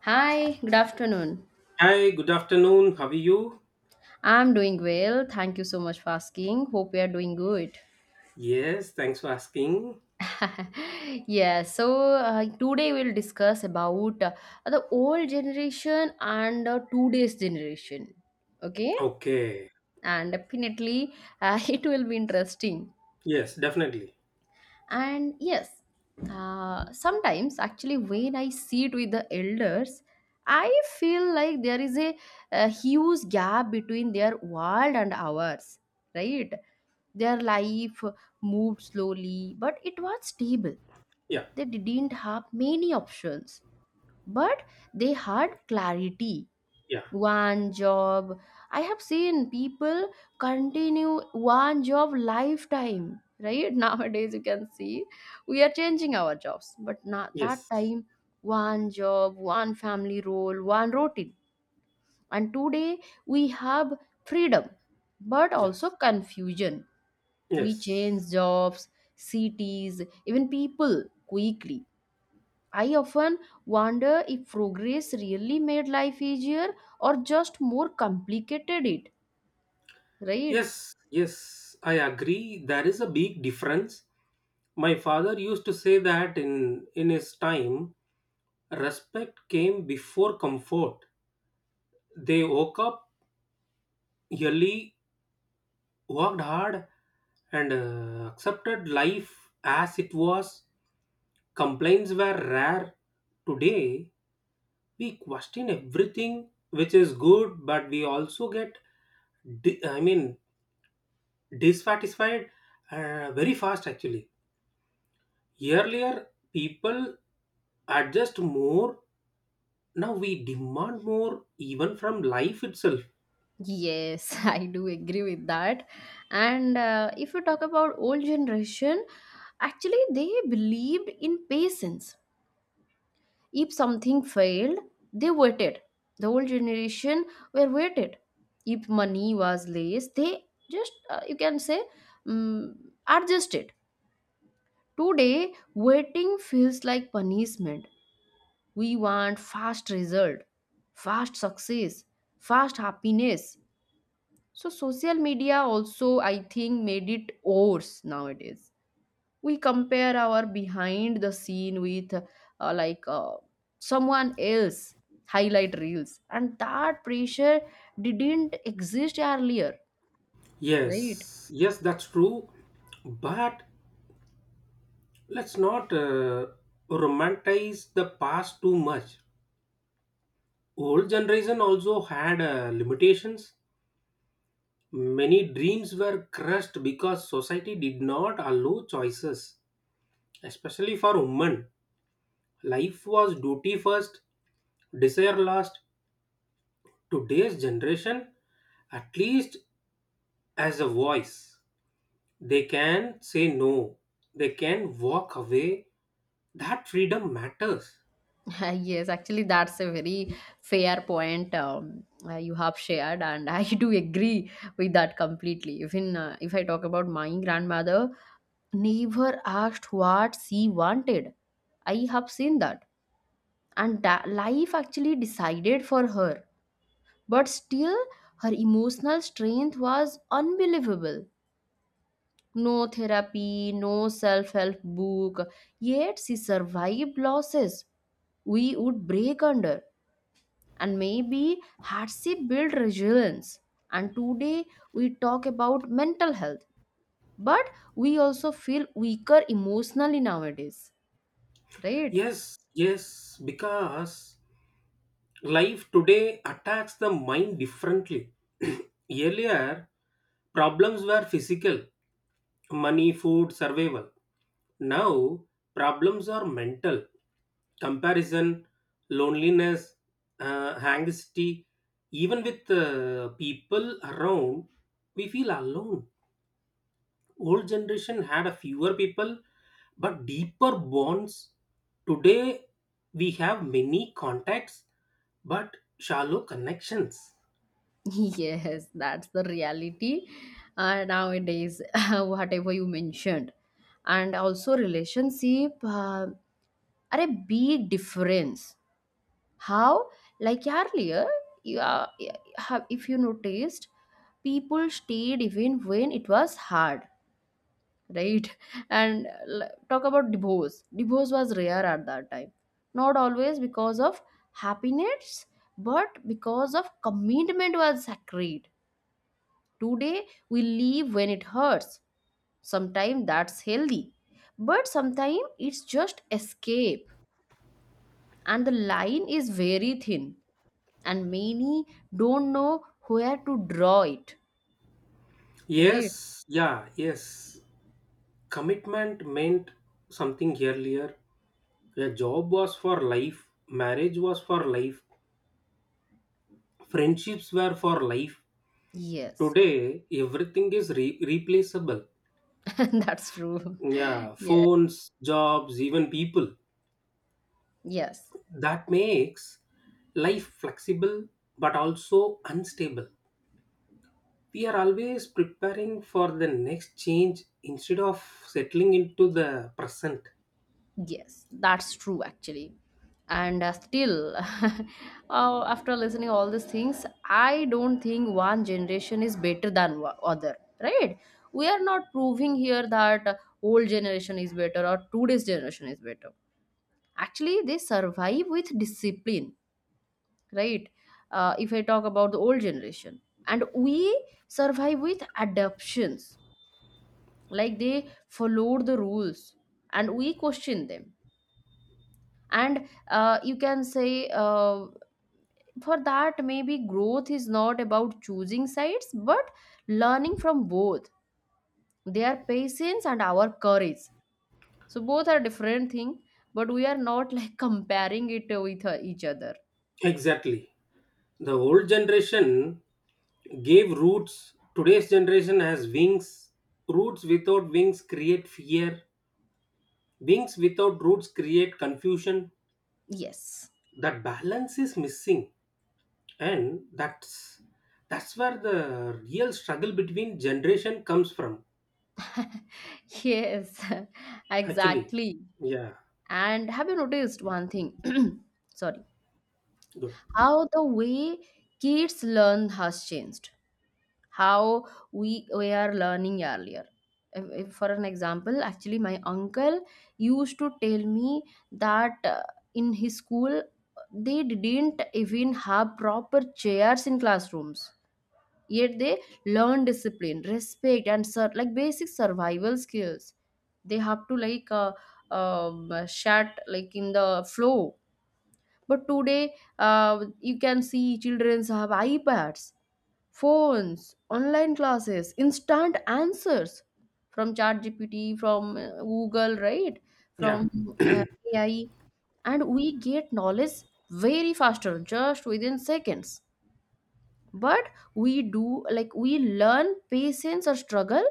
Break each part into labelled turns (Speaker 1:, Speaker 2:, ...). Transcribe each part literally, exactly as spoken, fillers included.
Speaker 1: Hi, good afternoon.
Speaker 2: Hi, good afternoon. How are you?
Speaker 1: I'm doing well. Thank you so much for asking. Hope you are doing good.
Speaker 2: Yes, thanks for asking.
Speaker 1: Yeah, so uh, today we'll discuss about uh, the old generation and uh, today's generation. Okay?
Speaker 2: Okay.
Speaker 1: And definitely uh, it will be interesting.
Speaker 2: Yes, definitely.
Speaker 1: And yes, uh, sometimes actually when I sit with the elders, I feel like there is a, a huge gap between their world and ours, right? Their life moved slowly, but it was stable.
Speaker 2: Yeah,
Speaker 1: They didn't have many options, but they had clarity.
Speaker 2: yeah.
Speaker 1: One job. I have seen people continue one job lifetime, right? Nowadays, you can see we are changing our jobs, but not that
Speaker 2: Yes,
Speaker 1: time, one job, one family role, one routine. And today, we have freedom, but also
Speaker 2: yes,
Speaker 1: confusion. We
Speaker 2: yes,
Speaker 1: change jobs, cities, even people quickly. I often wonder if progress really made life easier or just more complicated it, right?
Speaker 2: yes, yes. I agree. There is a big difference. My father used to say that in in his time, respect came before comfort. They woke up early, worked hard, and uh, accepted life as it was. Complaints were rare. Today we question everything, which is good, but we also get di- I mean, dissatisfied uh, very fast, actually. Earlier, people adjust more. Now we demand more even from life itself.
Speaker 1: Yes, I do agree with that. And uh, if you talk about old generation, actually they believed in patience. If something failed, they waited. The old generation were waited. If money was less, they just uh, you can say um, adjusted. Today, waiting feels like punishment. We want fast result, fast success, fast happiness. So social media also, I think, made it worse. Nowadays we compare our behind the scene with uh, like uh, someone else highlight reels, and that pressure didn't exist earlier, right?
Speaker 2: Yes, yes, that's true. But let's not uh, romanticize the past too much. Old generation also had uh, limitations. Many dreams were crushed because society did not allow choices, especially for women. Life was duty first, desire last. Today's generation, at least as a voice, they can say no, they can walk away. That freedom matters.
Speaker 1: Yes, actually that's a very fair point um, uh, you have shared, and I do agree with that completely. Even uh, if I talk about my grandmother, never asked what she wanted. I have seen that, and that life actually decided for her. But still, her emotional strength was unbelievable. No therapy, no self help book, yet she survived losses we would break under. And maybe had she built resilience. And today we talk about mental health, but we also feel weaker emotionally nowadays, right?
Speaker 2: Yes, yes, because life today attacks the mind differently. Earlier, problems were physical money, food, survival. Now, problems are mental, comparison, loneliness, uh, anxiety. Even with uh, people around, we feel alone. Old generation had a fewer people, but deeper bonds. Today, we have many contacts, but shallow connections.
Speaker 1: Yes, that's the reality uh, nowadays, whatever you mentioned. And also, relationship uh, are a big difference. How? Like earlier, you are, have- if you noticed, people stayed even when it was hard, right? And uh, talk about divorce. Divorce was rare at that time. Not always because of happiness, but because of commitment was sacred. Today we leave when it hurts. Sometimes that's healthy, but sometimes it's just escape, and the line is very thin, and many don't know where to draw it, right?
Speaker 2: Yes, yeah, yes. Commitment meant something earlier. A job was for life, marriage was for life, friendships were for life.
Speaker 1: Yes,
Speaker 2: Today, everything is re- replaceable.
Speaker 1: that's true.
Speaker 2: Yeah,
Speaker 1: Yeah,
Speaker 2: phones, jobs, even people.
Speaker 1: yes.
Speaker 2: That makes life flexible but also unstable. We are always preparing for the next change instead of settling into the present.
Speaker 1: Yes, that's true actually. And uh, still, uh, after listening all these things, I don't think one generation is better than wa- other, right? We are not proving here that uh, old generation is better or today's generation is better. Actually, they survive with discipline, right? Uh, if I talk about the old generation, and we survive with adoptions, like they followed the rules, and we question them, and uh, you can say uh, for that maybe growth is not about choosing sides but learning from both, their patience and our courage. So both are different thing, but we are not like comparing it with uh, each other.
Speaker 2: Exactly. The old generation gave roots. Today's generation has wings. Roots without wings create fear. Wings without roots create confusion.
Speaker 1: Yes,
Speaker 2: That balance is missing, and that's that's where the real struggle between generation comes from.
Speaker 1: yes.
Speaker 2: Actually,
Speaker 1: Exactly.
Speaker 2: yeah,
Speaker 1: And have you noticed one thing? Sorry.
Speaker 2: good.
Speaker 1: How the way kids learn has changed, how we we are learning earlier. If, if for an example actually my uncle used to tell me that uh, in his school they didn't even have proper chairs in classrooms, yet they learn discipline, respect, and sur- like basic survival skills. They have to like uh, um, shut like in the flow. But today uh, you can see children have ipads, phones, online classes, instant answers from ChatGPT, from uh, Google, right?
Speaker 2: Yeah,
Speaker 1: From uh, A I, and we get knowledge very faster, just within seconds. But we do like we learn patience or struggle.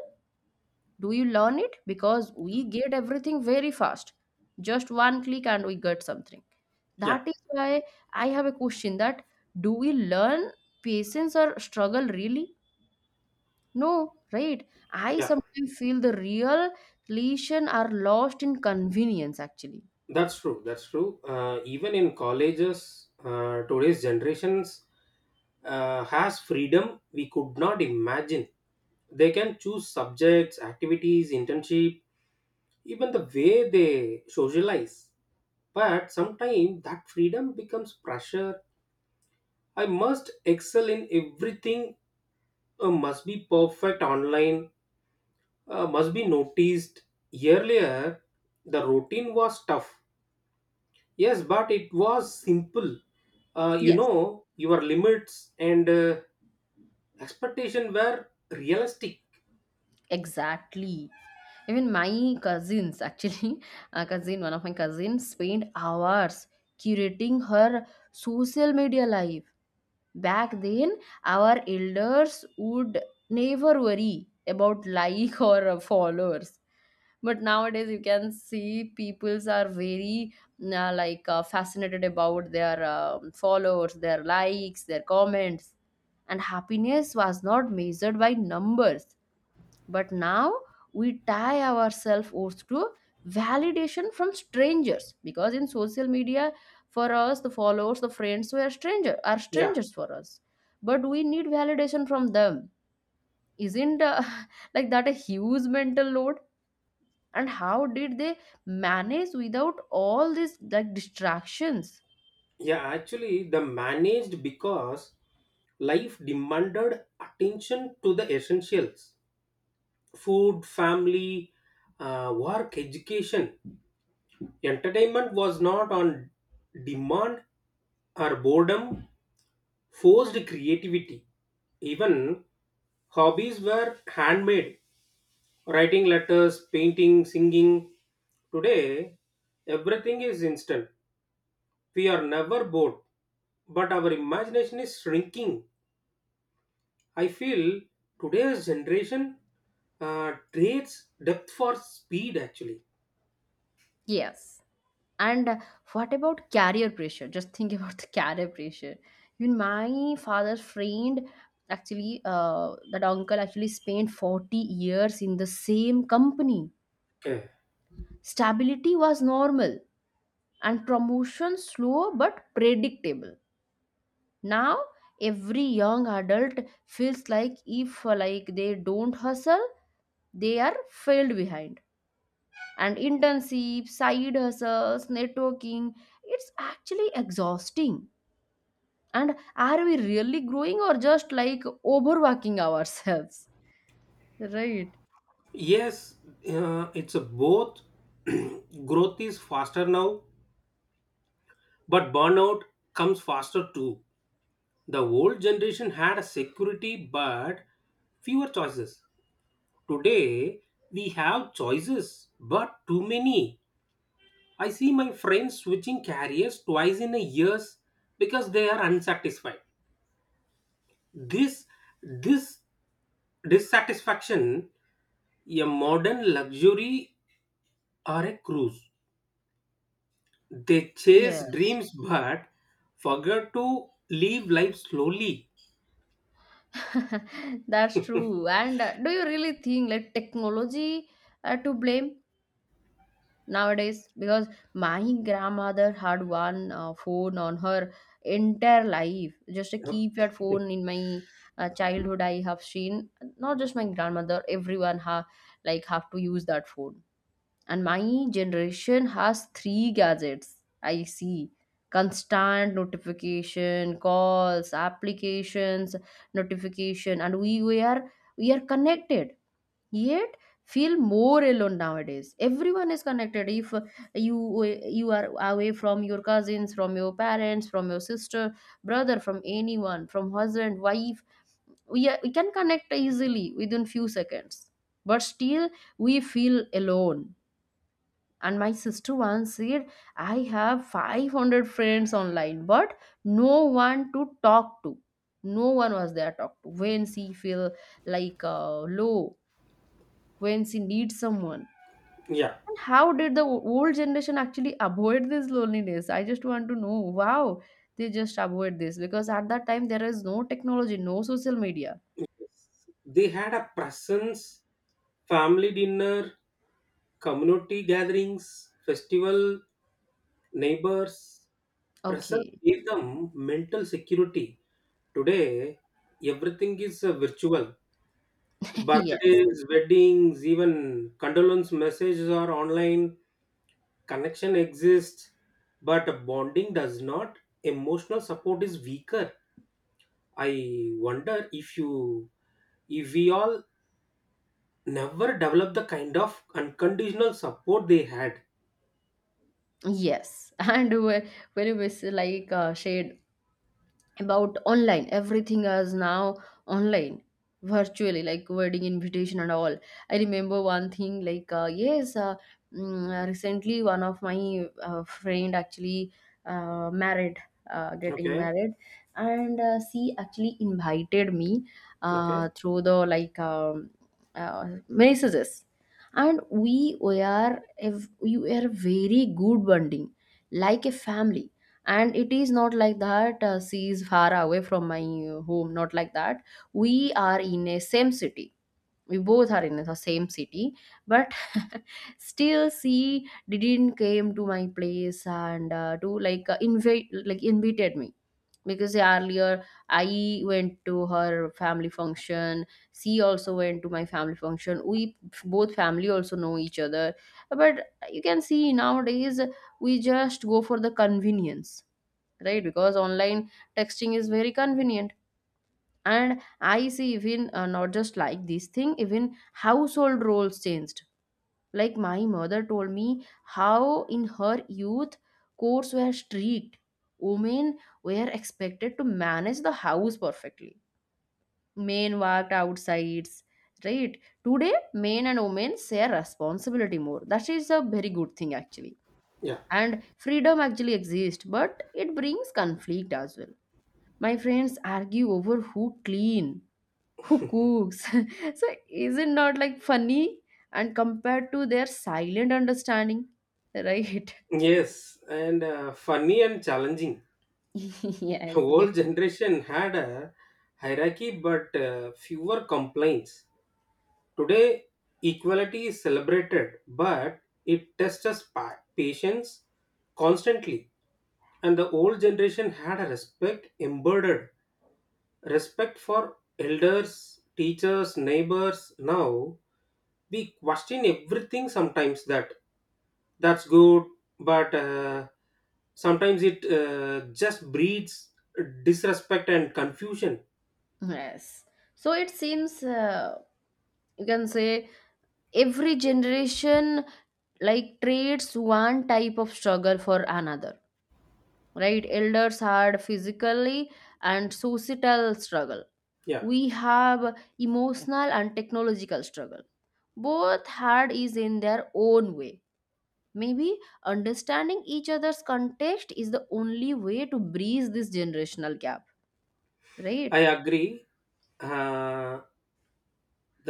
Speaker 1: Do you learn it? Because we get everything very fast, just one click, and we get something.
Speaker 2: yeah,
Speaker 1: That is why I have a question that do we learn patience or struggle really? No, right? I
Speaker 2: yeah.
Speaker 1: sometimes feel the real lesion are lost in convenience, actually.
Speaker 2: That's true. That's true. Uh, even in colleges, uh, today's generations uh, has freedom we could not imagine. They can choose subjects, activities, internship, even the way they socialize. But sometimes that freedom becomes pressure. I must excel in everything, uh, must be perfect online, uh, must be noticed. Earlier, the routine was tough. Yes, but it was simple. Uh, you
Speaker 1: Yes.
Speaker 2: know, your limits and uh, expectation were realistic.
Speaker 1: Exactly. Even my cousins, actually, a cousin, one of my cousins, spent hours curating her social media life. Back then, our elders would never worry about like or uh, followers. But nowadays you can see peoples are very uh, like uh, fascinated about their um, followers, their likes, their comments, and happiness was not measured by numbers. But now we tie ourselves oath to validation from strangers, because in social media, for us the followers, the friends were stranger are
Speaker 2: Yeah,
Speaker 1: strangers for us, but we need validation from them. Isn't uh, like that a huge mental load? And how did they manage without all these like distractions?
Speaker 2: yeah, actually, the managed because life demanded attention to the essentials food, family, uh, work, education. Entertainment was not on demand or boredom, forced creativity. Even hobbies were handmade writing letters, painting, singing. Today, everything is instant. We are never bored, but our imagination is shrinking. I feel today's generation uh, trades depth for speed, actually.
Speaker 1: Yes, and uh, what about career pressure? Just think about the career pressure. Even my father's friend actually, uh, that uncle actually spent forty years in the same company.
Speaker 2: Okay.
Speaker 1: Stability was normal, and promotion slow but predictable. Now every young adult feels like if uh, like they don't hustle, they are failed behind. And internships, side hustles, networking. It's actually exhausting. And are we really growing or just like overworking ourselves? Right.
Speaker 2: Yes, uh, it's a both. Growth is faster now, but burnout comes faster too. The old generation had a security but fewer choices. Today we have choices but too many. I see my friends switching careers twice in a year because they are unsatisfied. This this dissatisfaction, a modern luxury or a cruise. They chase
Speaker 1: Yes.
Speaker 2: dreams but forget to live life slowly.
Speaker 1: That's true. And uh, do you really think like technology uh, to blame? Nowadays, because my grandmother had one uh, phone on her entire life, just a keypad
Speaker 2: Okay.
Speaker 1: phone. In my uh, childhood I have seen, not just my grandmother, everyone ha- like have to use that phone. And my generation has three gadgets, I see, constant notification, calls, applications, notification. And we were we are connected, yet feel more alone nowadays. Everyone is connected. If uh, you you are away from your cousins, from your parents, from your sister, brother, from anyone, from husband, wife, we, are, we can connect easily within few seconds, but still we feel alone. And my sister once said, I have five hundred friends online but no one to talk to. No one was there to talk to when she feel like uh, low, when she needs someone.
Speaker 2: Yeah.
Speaker 1: And how did the o- old generation actually avoid this loneliness? I just want to know. Wow, they just avoid this because at that time there is no technology, no social media.
Speaker 2: Yes. They had a presence, family dinner, community gatherings, festival, neighbors. Presence
Speaker 1: Okay.
Speaker 2: gave them mental security. Today, everything is uh, virtual.
Speaker 1: Yes,
Speaker 2: Birthdays, weddings, even condolence messages are online. Connection exists, but bonding does not. Emotional support is weaker. I wonder if you, if we all never develop the kind of unconditional support they had.
Speaker 1: yes. And whe- when you miss, like uh, shared about online, everything is now online, virtually, like wedding invitation and all. I remember one thing, like uh, yes uh, mm, uh, recently one of my uh, friend actually uh, married uh, getting
Speaker 2: Okay.
Speaker 1: married, and uh, she actually invited me
Speaker 2: Okay.
Speaker 1: uh, through the like um, uh, messages. And we were a, we were very good bonding, like a family. And it is not like that uh, she is far away from my uh, home, not like that. we are in a same city we both are in the same city, but still she didn't came to my place and uh, to like uh, invite like invited me. Because earlier I went to her family function, she also went to my family function, we both family also know each other. But you can see nowadays we just go for the convenience, right? Because online texting is very convenient. And I see even uh, not just like this thing, even household roles changed. Like my mother told me how in her youth courts were strict, women were expected to manage the house perfectly, men worked outside, right? Today men and women share responsibility more, that is a very good thing actually.
Speaker 2: Yeah.
Speaker 1: And freedom actually exists, but it brings conflict as well. My friends argue over who clean, who cooks. So is it not like funny, and compared to their silent understanding, right?
Speaker 2: Yes, and uh, funny and challenging.
Speaker 1: Yes,
Speaker 2: Whole
Speaker 1: definitely.
Speaker 2: generation had a hierarchy, but uh, fewer complaints. Today, equality is celebrated, but it tests us pa- patience constantly. And the old generation had a respect embedded, respect for elders, teachers, neighbors. Now we question everything. Sometimes that that's good, but uh, sometimes it uh, just breeds disrespect and confusion.
Speaker 1: Yes. So it seems uh, you can say every generation like trades one type of struggle for another, right? Elders had physically and societal struggle.
Speaker 2: Yeah,
Speaker 1: We have emotional and technological struggle, both hard is in their own way. Maybe understanding each other's context is the only way to breeze this generational gap, right?
Speaker 2: I agree. Uh,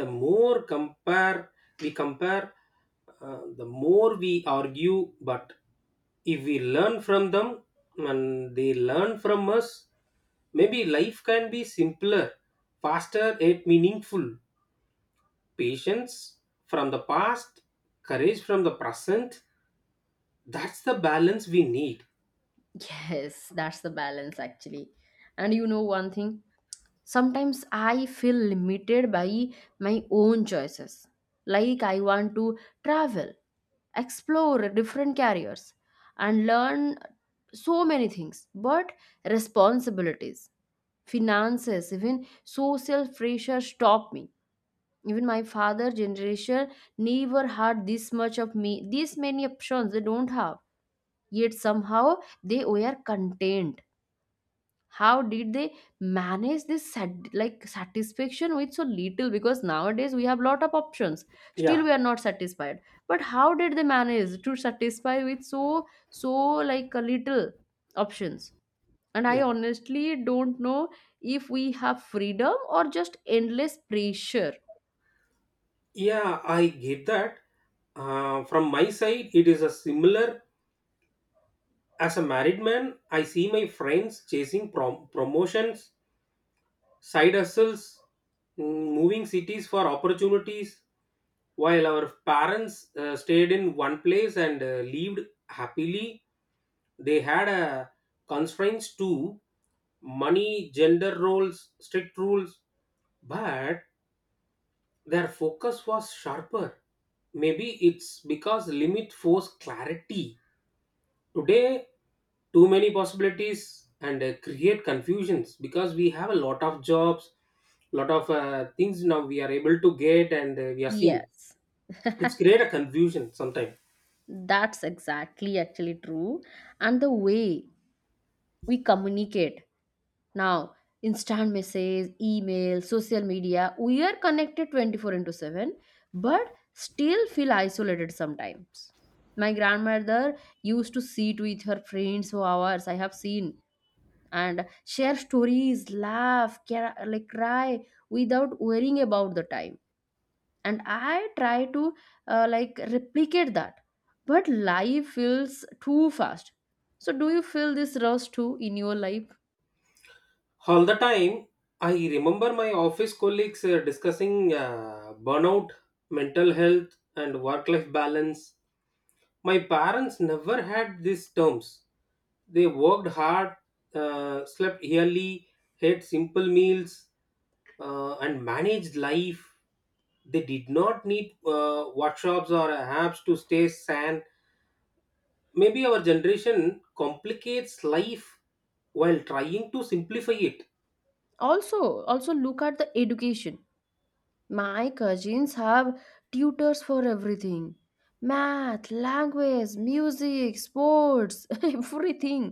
Speaker 2: the more compare we compare, uh, the more we argue. But if we learn from them and they learn from us, maybe life can be simpler, faster yet meaningful. Patience from the past, courage from the present, that's the balance we need.
Speaker 1: Yes, that's the balance actually. And you know one thing, sometimes I feel limited by my own choices. Like I want to travel, explore different careers, and learn so many things, but responsibilities, finances, even social pressure stop me. Even my father generation never had this much of me, this many options they don't have, yet somehow they were content. How did they manage this sat- like satisfaction with so little? Because nowadays we have lot of options, still
Speaker 2: Yeah,
Speaker 1: we are not satisfied. But how did they manage to satisfy with so so like a little options? And I
Speaker 2: yeah,
Speaker 1: honestly don't know if we have freedom or just endless pressure.
Speaker 2: yeah, I get that. Uh, from my side it is a similar. As a married man, I see my friends chasing prom- promotions, side hustles, mm, moving cities for opportunities, while our parents uh, stayed in one place and uh, lived happily. They had uh, constraints too money, gender roles, strict rules, but their focus was sharper. Maybe it's because limit force clarity. Today, too many possibilities and uh, create confusions because we have a lot of jobs, lot of uh, things now we are able to get and uh, we are seeing.
Speaker 1: Yes.
Speaker 2: It's create a confusion sometimes.
Speaker 1: That's exactly actually true. And the way we communicate now, instant message, email, social media, we are connected twenty-four into seven, but still feel isolated sometimes. My grandmother used to sit with her friends for hours, I have seen, and share stories, laugh, care, like cry without worrying about the time, and I try to uh, like replicate that, but life feels too fast. So do you feel this rush too in your life?
Speaker 2: All the time, I remember my office colleagues uh, discussing uh, burnout, mental health, and work-life balance. My parents never had these terms. They worked hard, uh, slept early, had simple meals, uh, and managed life. They did not need uh, workshops or apps to stay sane. Maybe our generation complicates life while trying to simplify it.
Speaker 1: Also, also look at the education. My cousins have tutors for everything: math, language, music, sports, everything.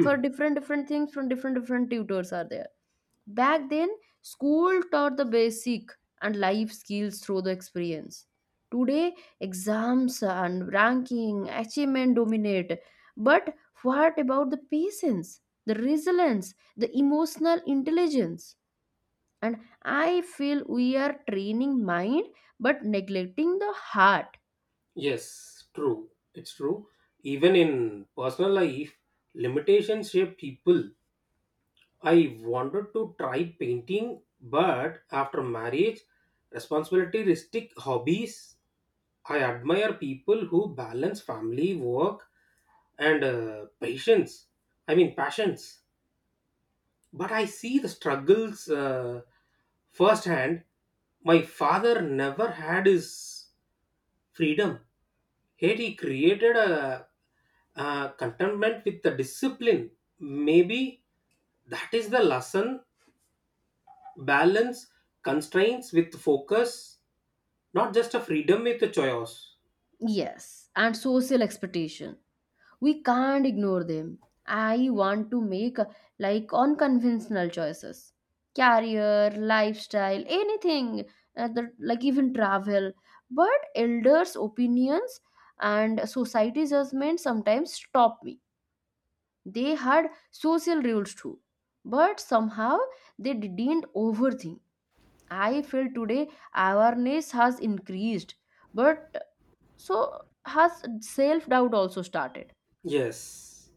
Speaker 1: For different different things from different different tutors are there. Back then, school taught the basic and life skills through the experience. Today, exams and ranking, achievement dominate. But what about the patience, the resilience, the emotional intelligence? And I feel we are training mind but neglecting the heart.
Speaker 2: Yes, true. It's true. Even in personal life, limitations shape people. I wanted to try painting, but after marriage, responsibility restrict hobbies. I admire people who balance family, work, and uh, patience. I mean, passions. But I see the struggles uh, firsthand. My father never had his freedom. Here he created a, a contentment with the discipline. Maybe that is the lesson balance constraints with focus, not just a freedom with a choice.
Speaker 1: Yes, and social expectation, we can't ignore them. I want to make uh, like unconventional choices, career, lifestyle, anything, uh, the- like even travel. But elders' opinions and society judgment sometimes stop me. They had social rules too, but somehow they didn't overthink. I feel today awareness has increased, but so has self doubt also started.
Speaker 2: Yes,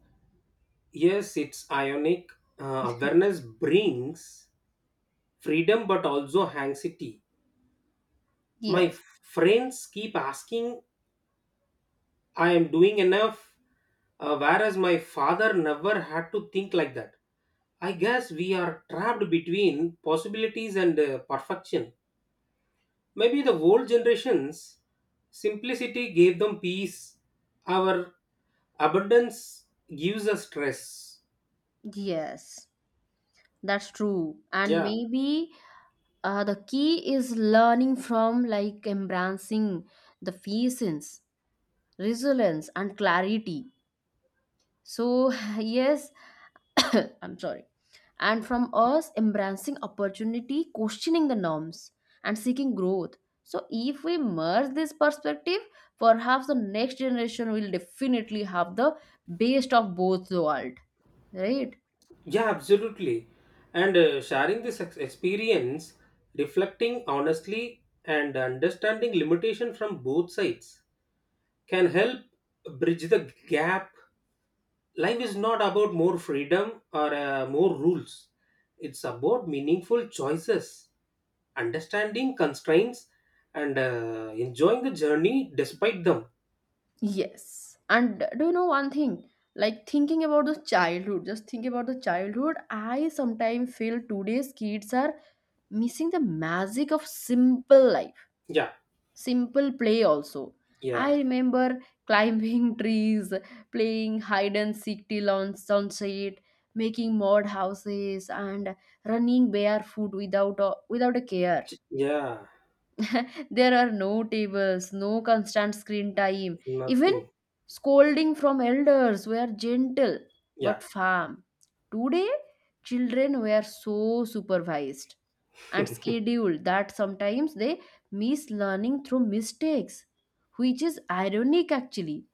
Speaker 2: yes, it's ionic. Uh, awareness brings freedom but also anxiety. My
Speaker 1: Yes,
Speaker 2: f- friends keep asking, I am doing enough, uh, whereas my father never had to think like that. I guess we are trapped between possibilities and uh, perfection. Maybe the old generations simplicity gave them peace, our abundance gives us stress.
Speaker 1: yes. That's true. And
Speaker 2: Yeah,
Speaker 1: maybe uh, the key is learning from, like, embracing the patience, resilience, and clarity. So, yes, I'm sorry. And from us, embracing opportunity, questioning the norms, and seeking growth. So, if we merge this perspective, perhaps the next generation will definitely have the best of both the world, right?
Speaker 2: yeah, absolutely. And uh, sharing this ex- experience, reflecting honestly and understanding limitation from both sides can help bridge the gap. Life is not about more freedom or uh, more rules, it's about meaningful choices, understanding constraints, and uh, enjoying the journey despite them.
Speaker 1: Yes. And do you know one thing? Like thinking about the childhood, just think about the childhood. I sometimes feel today's kids are missing the magic of simple life,
Speaker 2: Yeah,
Speaker 1: simple play also.
Speaker 2: yeah,
Speaker 1: I remember climbing trees, playing hide and seek till on sunset, making mud houses, and running barefoot without a, without a care.
Speaker 2: yeah.
Speaker 1: There are no tables, no constant screen time. Even
Speaker 2: Nothing.
Speaker 1: scolding from elders were gentle
Speaker 2: Yeah.
Speaker 1: but firm. Today, children were so supervised and scheduled that sometimes they miss learning through mistakes, which is ironic actually,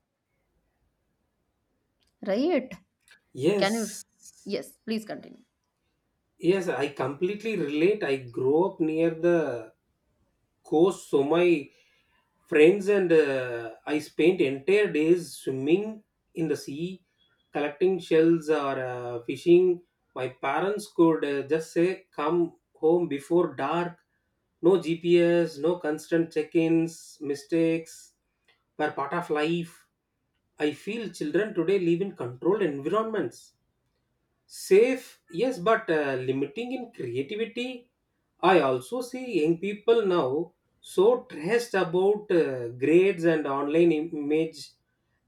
Speaker 1: right? Can you?
Speaker 2: Yes,
Speaker 1: Yes, please continue.
Speaker 2: yes, I completely relate. I grew up near the coast, so my friends and uh, I spent entire days swimming in the sea, collecting shells or uh, fishing. My parents could uh, just say, "Come home before dark." No G P S, no constant check-ins, mistakes were part of life. I feel children today live in controlled environments. Safe, yes, but uh, limiting in creativity. I also see young people now so stressed about uh, grades and online im- image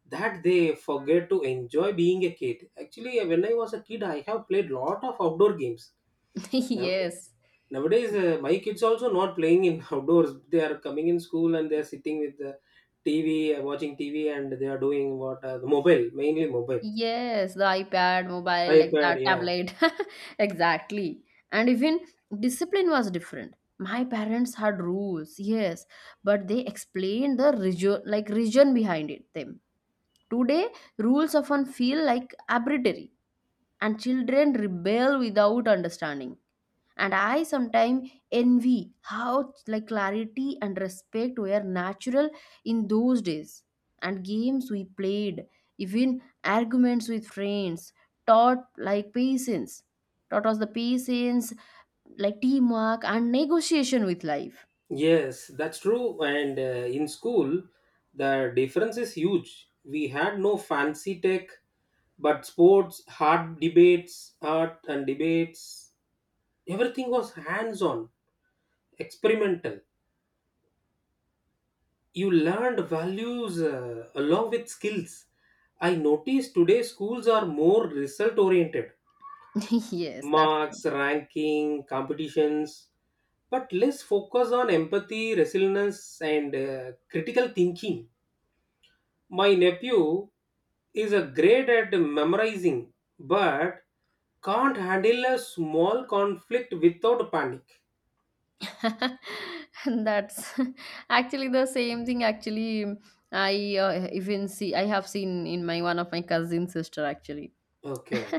Speaker 2: that they forget to enjoy being a kid. Actually, uh, when I was a kid, I have played lot of outdoor games. Now,
Speaker 1: Yes.
Speaker 2: nowadays, uh, my kids also not playing in outdoors. They are coming in school and they are sitting with the T V, uh, watching T V, and they are doing what uh, the mobile, mainly mobile,
Speaker 1: Yes, the iPad, mobile, like that,
Speaker 2: iPad. Yeah,
Speaker 1: tablet. Exactly. And even discipline was different. My parents had rules, yes, but they explained the region, like region behind it them. Today, rules often feel like arbitrary and children rebel without understanding, and I sometimes envy how, like, clarity and respect were natural in those days. And games we played, even arguments with friends, taught like patience taught us the patience like teamwork and negotiation with life.
Speaker 2: yes, that's true. And uh, in school, the difference is huge. We had no fancy tech, but sports, hard debates, art and debates, everything was hands on, experimental. You learned values uh, along with skills. I notice today schools are more result oriented
Speaker 1: Yes, that's
Speaker 2: marks, ranking, competitions, but less focus on empathy, resilience, and uh, critical thinking. My nephew is a great at memorizing but can't handle a small conflict without panic.
Speaker 1: that's actually the same thing. Actually, I uh, even see I have seen in my one of my cousin sister actually,
Speaker 2: Okay.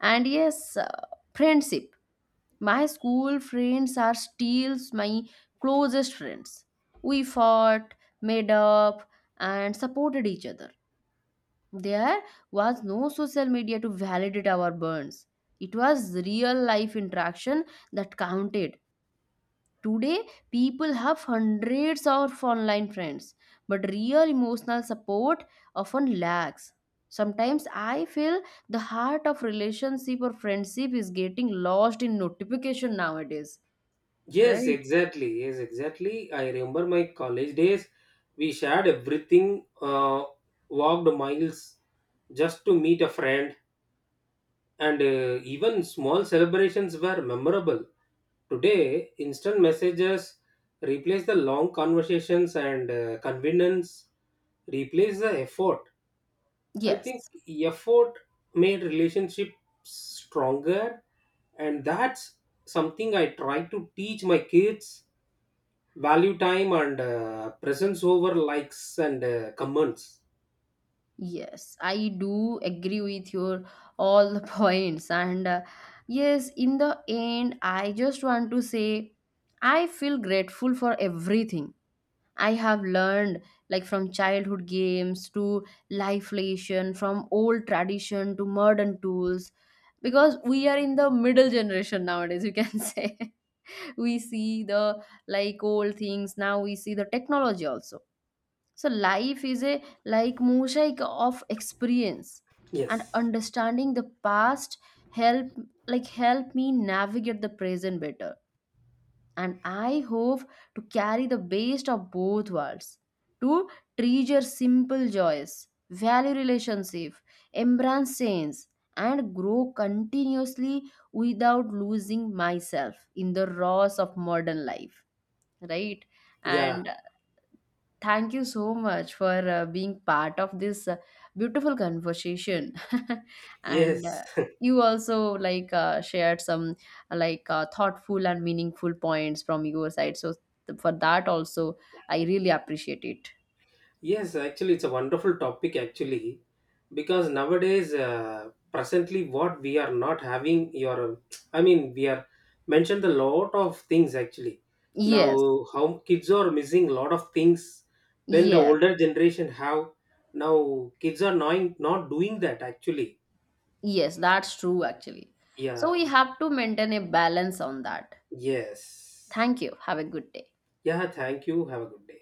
Speaker 1: and yes, uh, friendship. My school friends are still my closest friends. We fought, made up, and supported each other. There was no social media to validate our bonds. It was real life interaction that counted. Today, people have hundreds of online friends, but real emotional support often lacks. Sometimes I feel the heart of relationship or friendship is getting lost in notification nowadays,
Speaker 2: Yes,
Speaker 1: right?
Speaker 2: exactly. Yes, exactly. I remember my college days. We shared everything, uh, walked miles just to meet a friend, and uh, even small celebrations were memorable. Today, instant messages replace the long conversations, and uh, convenience replace the effort. I think
Speaker 1: Yes,
Speaker 2: effort made relationships stronger, and that's something I try to teach my kids value time and uh, presence over likes and uh, comments.
Speaker 1: yes, I do agree with your all the points. And uh, yes, in the end, I just want to say I feel grateful for everything I have learned, like from childhood games to life lesson, from old tradition to modern tools, because we are in the middle generation nowadays, you can say. We see the like old things, now we see the technology also. So life is a like mosaic of experience, and
Speaker 2: Yes.
Speaker 1: understanding the past help, like, help me navigate the present better, and I hope to carry the best of both worlds. To treasure simple joys, value relationship, embrace change, and grow continuously without losing myself in the roars of modern life. Right?
Speaker 2: Yeah.
Speaker 1: And thank you so much for uh, being part of this uh, beautiful conversation. And
Speaker 2: Yes.
Speaker 1: uh, you also like uh, shared some like uh, thoughtful and meaningful points from your side. So, th- for that also, I really appreciate it.
Speaker 2: Yes, actually, it's a wonderful topic, actually, because nowadays, uh, presently, what we are not having, your, I mean, we are mentioned a lot of things actually.
Speaker 1: Yes,
Speaker 2: Now, how kids are missing a lot of things when the
Speaker 1: yes,
Speaker 2: older generation have. Now, kids are not, not doing that, actually.
Speaker 1: yes, that's true actually. So
Speaker 2: Yeah,
Speaker 1: we have to maintain a balance on that.
Speaker 2: yes.
Speaker 1: Thank you. Have a good day.
Speaker 2: Yeah, thank you. Have a good day.